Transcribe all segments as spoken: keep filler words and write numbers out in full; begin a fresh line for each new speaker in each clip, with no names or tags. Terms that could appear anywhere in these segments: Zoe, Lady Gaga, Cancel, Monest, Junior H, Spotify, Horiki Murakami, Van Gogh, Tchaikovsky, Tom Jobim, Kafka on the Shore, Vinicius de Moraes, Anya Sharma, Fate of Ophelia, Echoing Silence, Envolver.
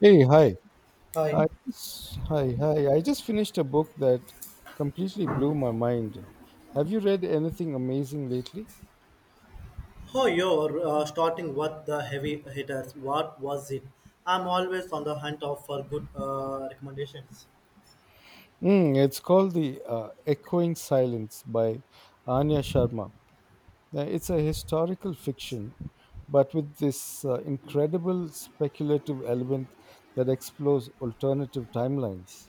Hey, hi.
Hi.
I just, hi, hi. I just finished a book that completely blew my mind. Have you read anything amazing lately?
How you're uh, starting with the heavy hitters? What was it? I'm always on the hunt of for good uh, recommendations.
Mm, it's called the uh, Echoing Silence by Anya Sharma. Uh, It's a historical fiction, but with this uh, incredible speculative element that explores alternative timelines.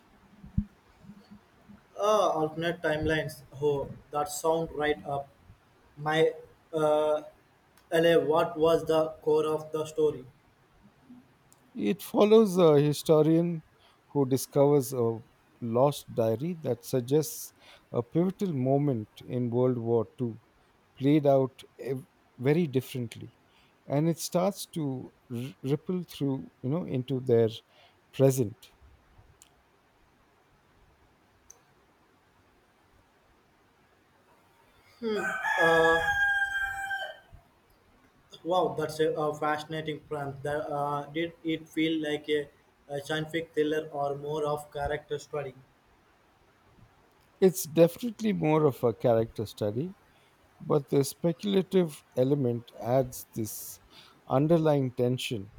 Uh, alternate timelines. Oh, that sound right up my uh, L A. What was the core of the story?
It follows a historian who discovers a lost diary that suggests a pivotal moment in World War two played out ev- very differently, and it starts to r- ripple through, you know, into their present.
Wow, that's a, a fascinating prompt. That, uh, did it feel like a, a scientific thriller or more of character study?
It's definitely more of a character study, but the speculative element adds this underlying tension.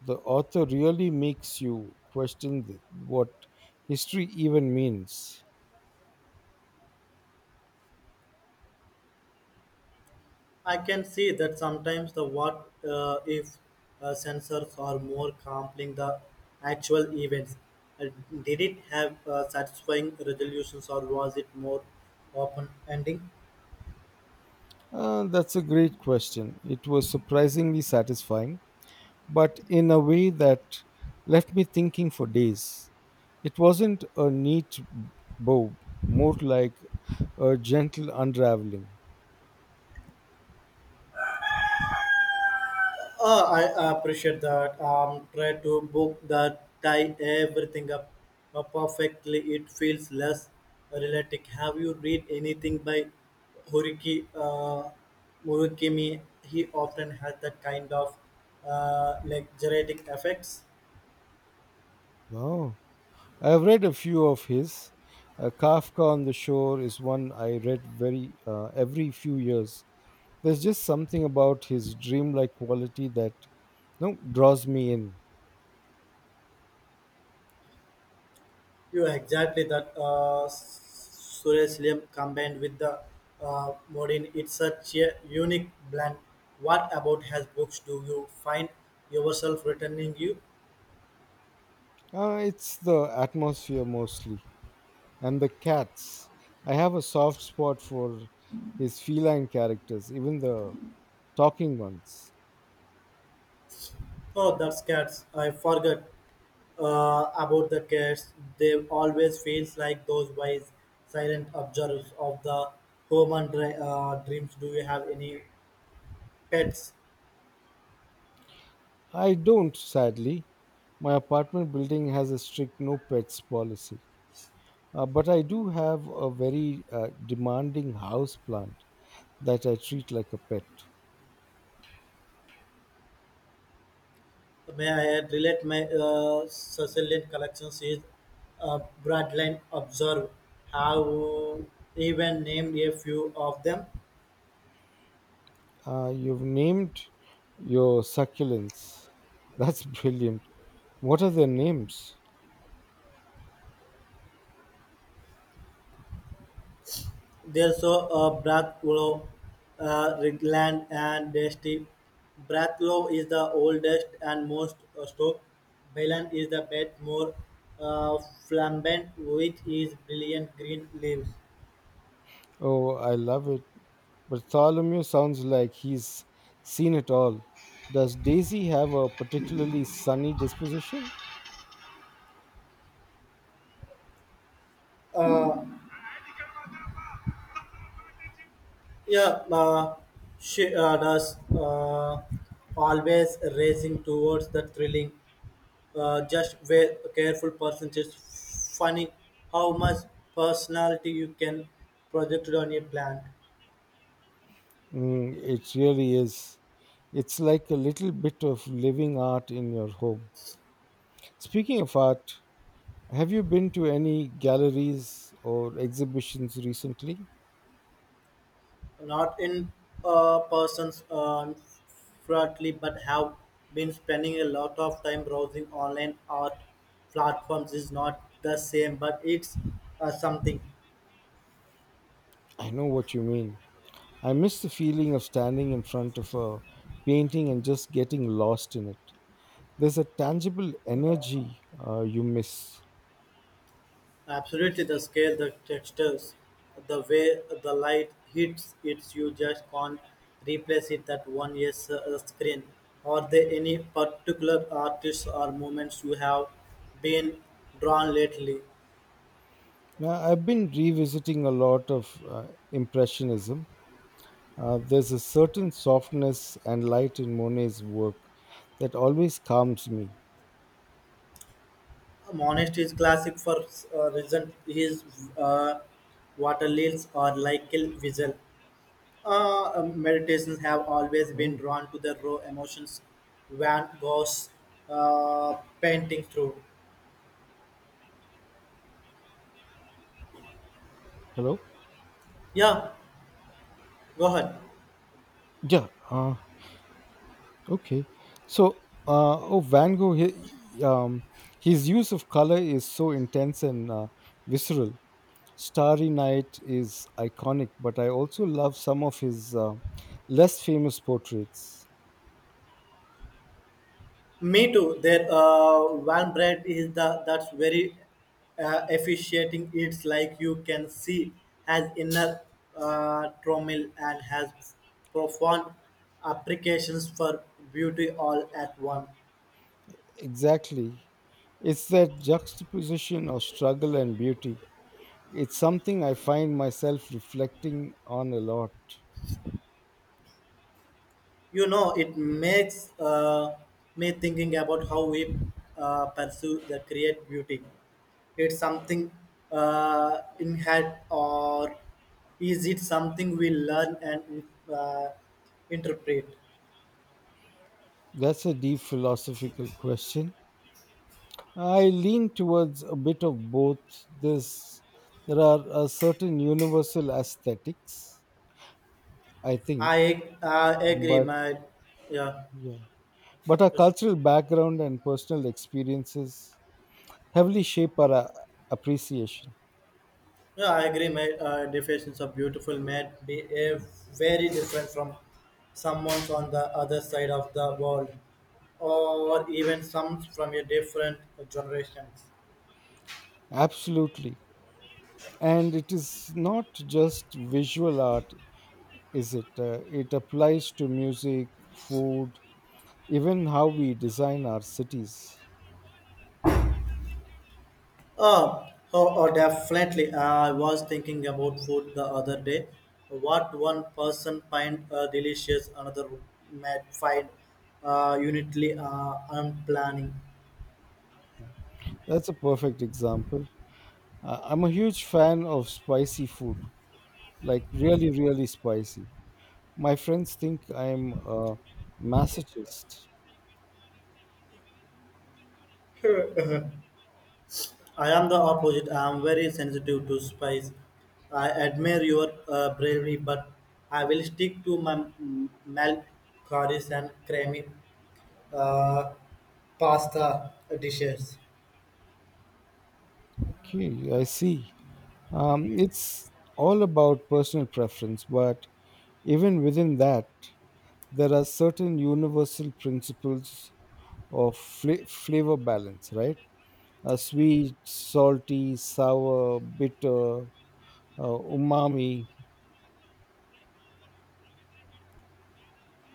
The author really makes you question th- what history even means.
I can see that sometimes the what uh, if uh, sensors are more compelling the actual events. Uh, did it have uh, satisfying resolutions or was it more open ending?
Uh, that's a great question. It was surprisingly satisfying, but in a way that left me thinking for days. It wasn't a neat bow, more like a gentle unraveling.
Uh, I appreciate that. Um, try to book the tie everything up uh, perfectly. It feels less realistic. Have you read anything by Horiki uh, Murakami? He often has that kind of uh, like genetic effects.
Wow. I've read a few of his. Uh, Kafka on the Shore is one I read very uh, every few years. There's just something about his dreamlike quality that no draws me in.
You exactly that uh, surrealism combined with the uh, modern. It's such a unique blend. What about his books do you find yourself returning you?
Uh, it's the atmosphere mostly, and the cats. I have a soft spot for his feline characters, even the talking ones.
Oh, that's cats. I forgot uh, about the cats. They always feels like those wise, silent observers of the human dre- uh, dreams. Do you have any pets?
I don't, sadly. My apartment building has a strict no pets policy, uh, but I do have a very uh, demanding house plant that I treat like a pet.
May I add, relate my uh, Sicilian collections is uh, Bradland Observe. Have even named a few of them.
Uh, you've named your succulents. That's brilliant. What are their names?
They saw a Bratislava, a Rigaland and Dresden. Bratislava is the oldest and most historic. Berlin is the best, more uh, flamboyant with its brilliant green leaves.
Oh, I love it. Bartholomew sounds like he's seen it all. Does Daisy have a particularly sunny disposition?
Uh, yeah, uh, she uh, does uh, always racing towards the thrilling uh, just very careful person. It's funny how much personality you can project on a plant.
Mm, it really is. It's like a little bit of living art in your home. Speaking of art, have you been to any galleries or exhibitions recently?
Not in uh, persons uh, flatly, but have been spending a lot of time browsing online art platforms is not the same, but it's uh, something.
I know what you mean. I miss the feeling of standing in front of a painting and just getting lost in it. There's a tangible energy uh, you miss.
Absolutely, the scale, the textures, the way the light hits it, you just can't replace it. That one yes uh, screen. Are there any particular artists or movements you have been drawn lately?
Now, I've been revisiting a lot of uh, Impressionism. Uh, there's a certain softness and light in Monet's work that always calms me.
Monest is classic for uh, reason. His uh, water lilies are like a visual. Uh, um, meditations have always been
Oh,
drawn to the raw emotions Van Gogh's uh, painting through.
hello?
Yeah, go ahead.
Yeah, uh, okay. So, uh, oh, Van Gogh, he, um, his use of color is so intense and uh, visceral. Starry Night is iconic, but I also love some of his uh, less famous portraits.
Me too. Their uh, one bread is the that's very uh, efficiating. It's like you can see has inner uh, turmoil and has profound applications for beauty all at once.
Exactly. It's that juxtaposition of struggle and beauty. It's something I find myself reflecting on a lot.
You know, it makes uh, me thinking about how we uh, pursue the create beauty. It's something uh, in head or is it something we learn and uh, interpret?
That's a deep philosophical question. I lean towards a bit of both. This There are a certain universal aesthetics, I think,
I ag- uh, agree,
but
my. Yeah,
yeah. But our
yes, sir.
cultural background and personal experiences heavily shape our uh, appreciation.
Yeah, I agree, my. Uh, definitions of beautiful may be uh, very different from someone on the other side of the world, or even some from a different generations.
Absolutely. And it is not just visual art, is it? Uh, it applies to music, food, even how we design our cities.
Oh, oh, oh definitely. I was thinking about food the other day. What one person find uh, delicious, another might find uh, unitly uh, unplanning.
That's a perfect example. Uh, I'm a huge fan of spicy food, like really, really spicy. My friends think I'm a masochist.
I am the opposite. I am very sensitive to spice. I admire your uh, bravery, but I will stick to my mm, milk, curries, and creamy uh, pasta dishes.
Okay, I see. Um, it's all about personal preference, but even within that, there are certain universal principles of fla- flavor balance, right? Uh, sweet, salty, sour, bitter, uh, umami.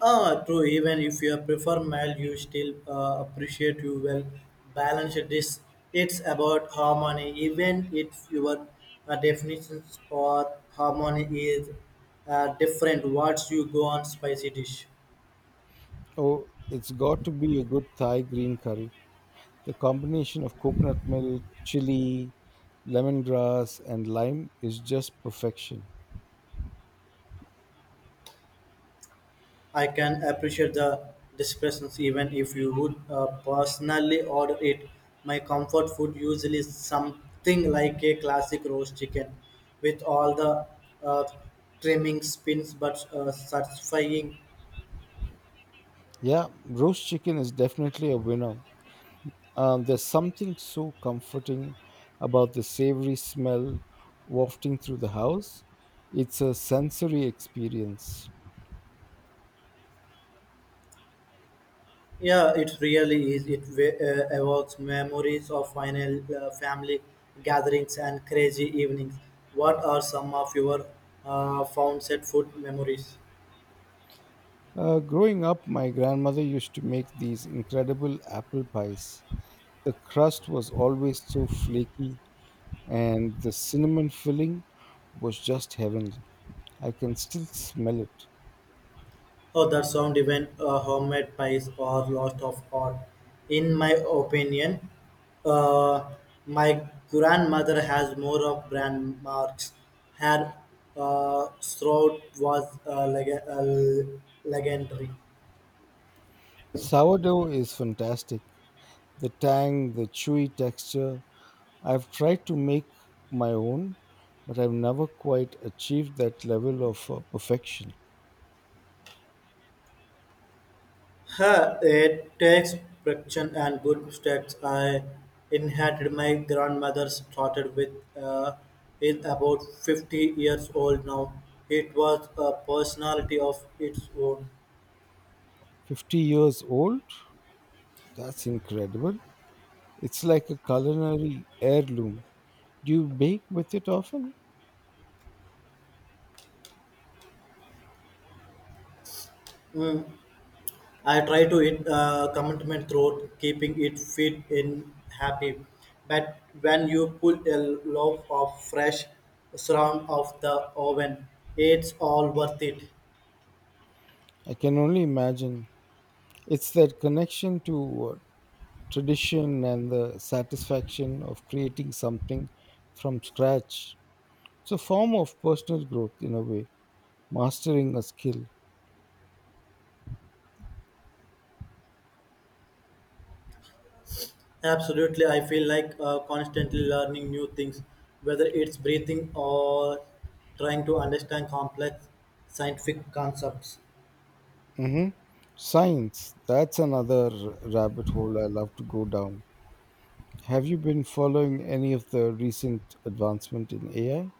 Ah, true. Even if you prefer mild, you still uh, appreciate you well balanced dish. It's about harmony. Even if your uh, definitions for harmony is uh, different, once you go on spicy dish.
Oh, it's got to be a good Thai green curry. The combination of coconut milk, chili, lemongrass, and lime is just perfection.
I can appreciate the discretions even if you would uh, personally order it. My comfort food usually is something like a classic roast chicken with all the uh, trimming spins but uh, satisfying.
Yeah, roast chicken is definitely a winner. Um, there's something so comforting about the savory smell wafting through the house. It's a sensory experience.
Yeah, it really is. It wa- uh, evokes memories of final uh, family gatherings and crazy evenings. What are some of your uh, found set food memories?
Uh, growing up, my grandmother used to make these incredible apple pies. The crust was always so flaky, and the cinnamon filling was just heavenly. I can still smell it.
Oh, that sound even uh, homemade pies are lost of art. In my opinion, uh, my grandmother has more of brand marks. Her uh, throat was uh, leg- uh, legendary.
Sourdough is fantastic. The tang, the chewy texture, I've tried to make my own, but I've never quite achieved that level of uh, perfection.
Her it takes friction and good steps. I inherited my grandmother's started with uh, is about fifty years old now. It was a personality of its own.
fifty years old? That's incredible. It's like a culinary heirloom. Do you bake with it often?
Mm, I try to eat uh, commitment through keeping it fit and happy. But when you pull a loaf of fresh surround of the oven, it's all worth it.
I can only imagine. It's that connection to uh, tradition and the satisfaction of creating something from scratch. It's a form of personal growth in a way, mastering a skill.
Absolutely, I feel like uh, constantly learning new things, whether it's breathing or trying to understand complex scientific concepts.
Mm-hmm. Science. That's another rabbit hole I love to go down. Have you been following any of the recent advancement in A I?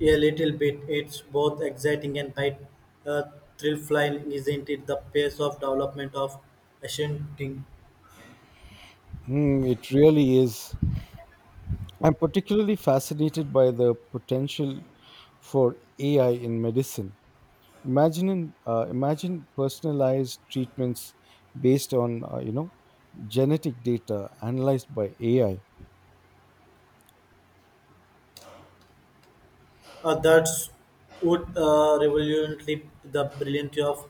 A little bit. It's both exciting and quite uh, thrill-flying, isn't it? The pace of development of Ascending.
Hmm, it really is. I'm particularly fascinated by the potential for A I in medicine. Imagine, uh, imagine personalized treatments based on uh, you know genetic data analyzed by A I.
Uh, that's would uh, revolutionary the brilliancy of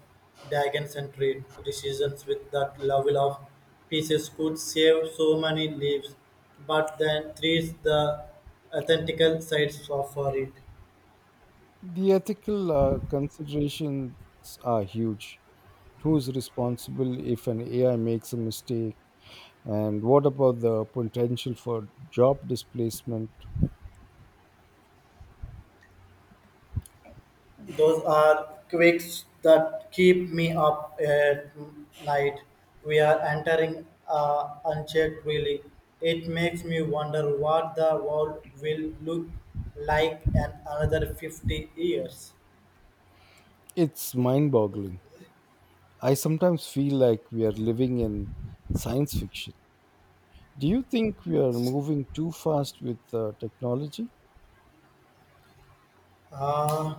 Dagen's and trade decisions with that level of pieces could save so many lives, but then treats the authentical sides of- for it.
The ethical uh, considerations are huge. Who's responsible if an A I makes a mistake? And what about the potential for job displacement?
Those are quakes that keep me up at night. We are entering uh, unchecked, really. It makes me wonder what the world will look like in another fifty years.
It's mind boggling. I sometimes feel like we are living in science fiction. Do you think we are moving too fast with uh, technology?
Uh,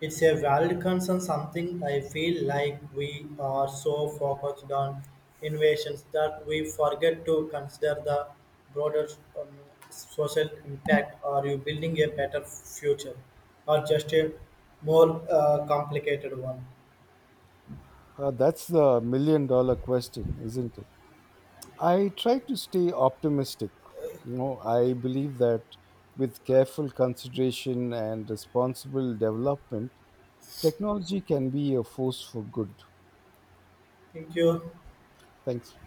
it's a valid concern, something I feel like we are so focused on innovations that we forget to consider the broader um, social impact. Are you building a better future or just a more uh, complicated one?
Uh, that's the million dollar question, isn't it? I try to stay optimistic. You know, I believe that with careful consideration and responsible development, technology can be a force for good.
Thank you.
Thanks.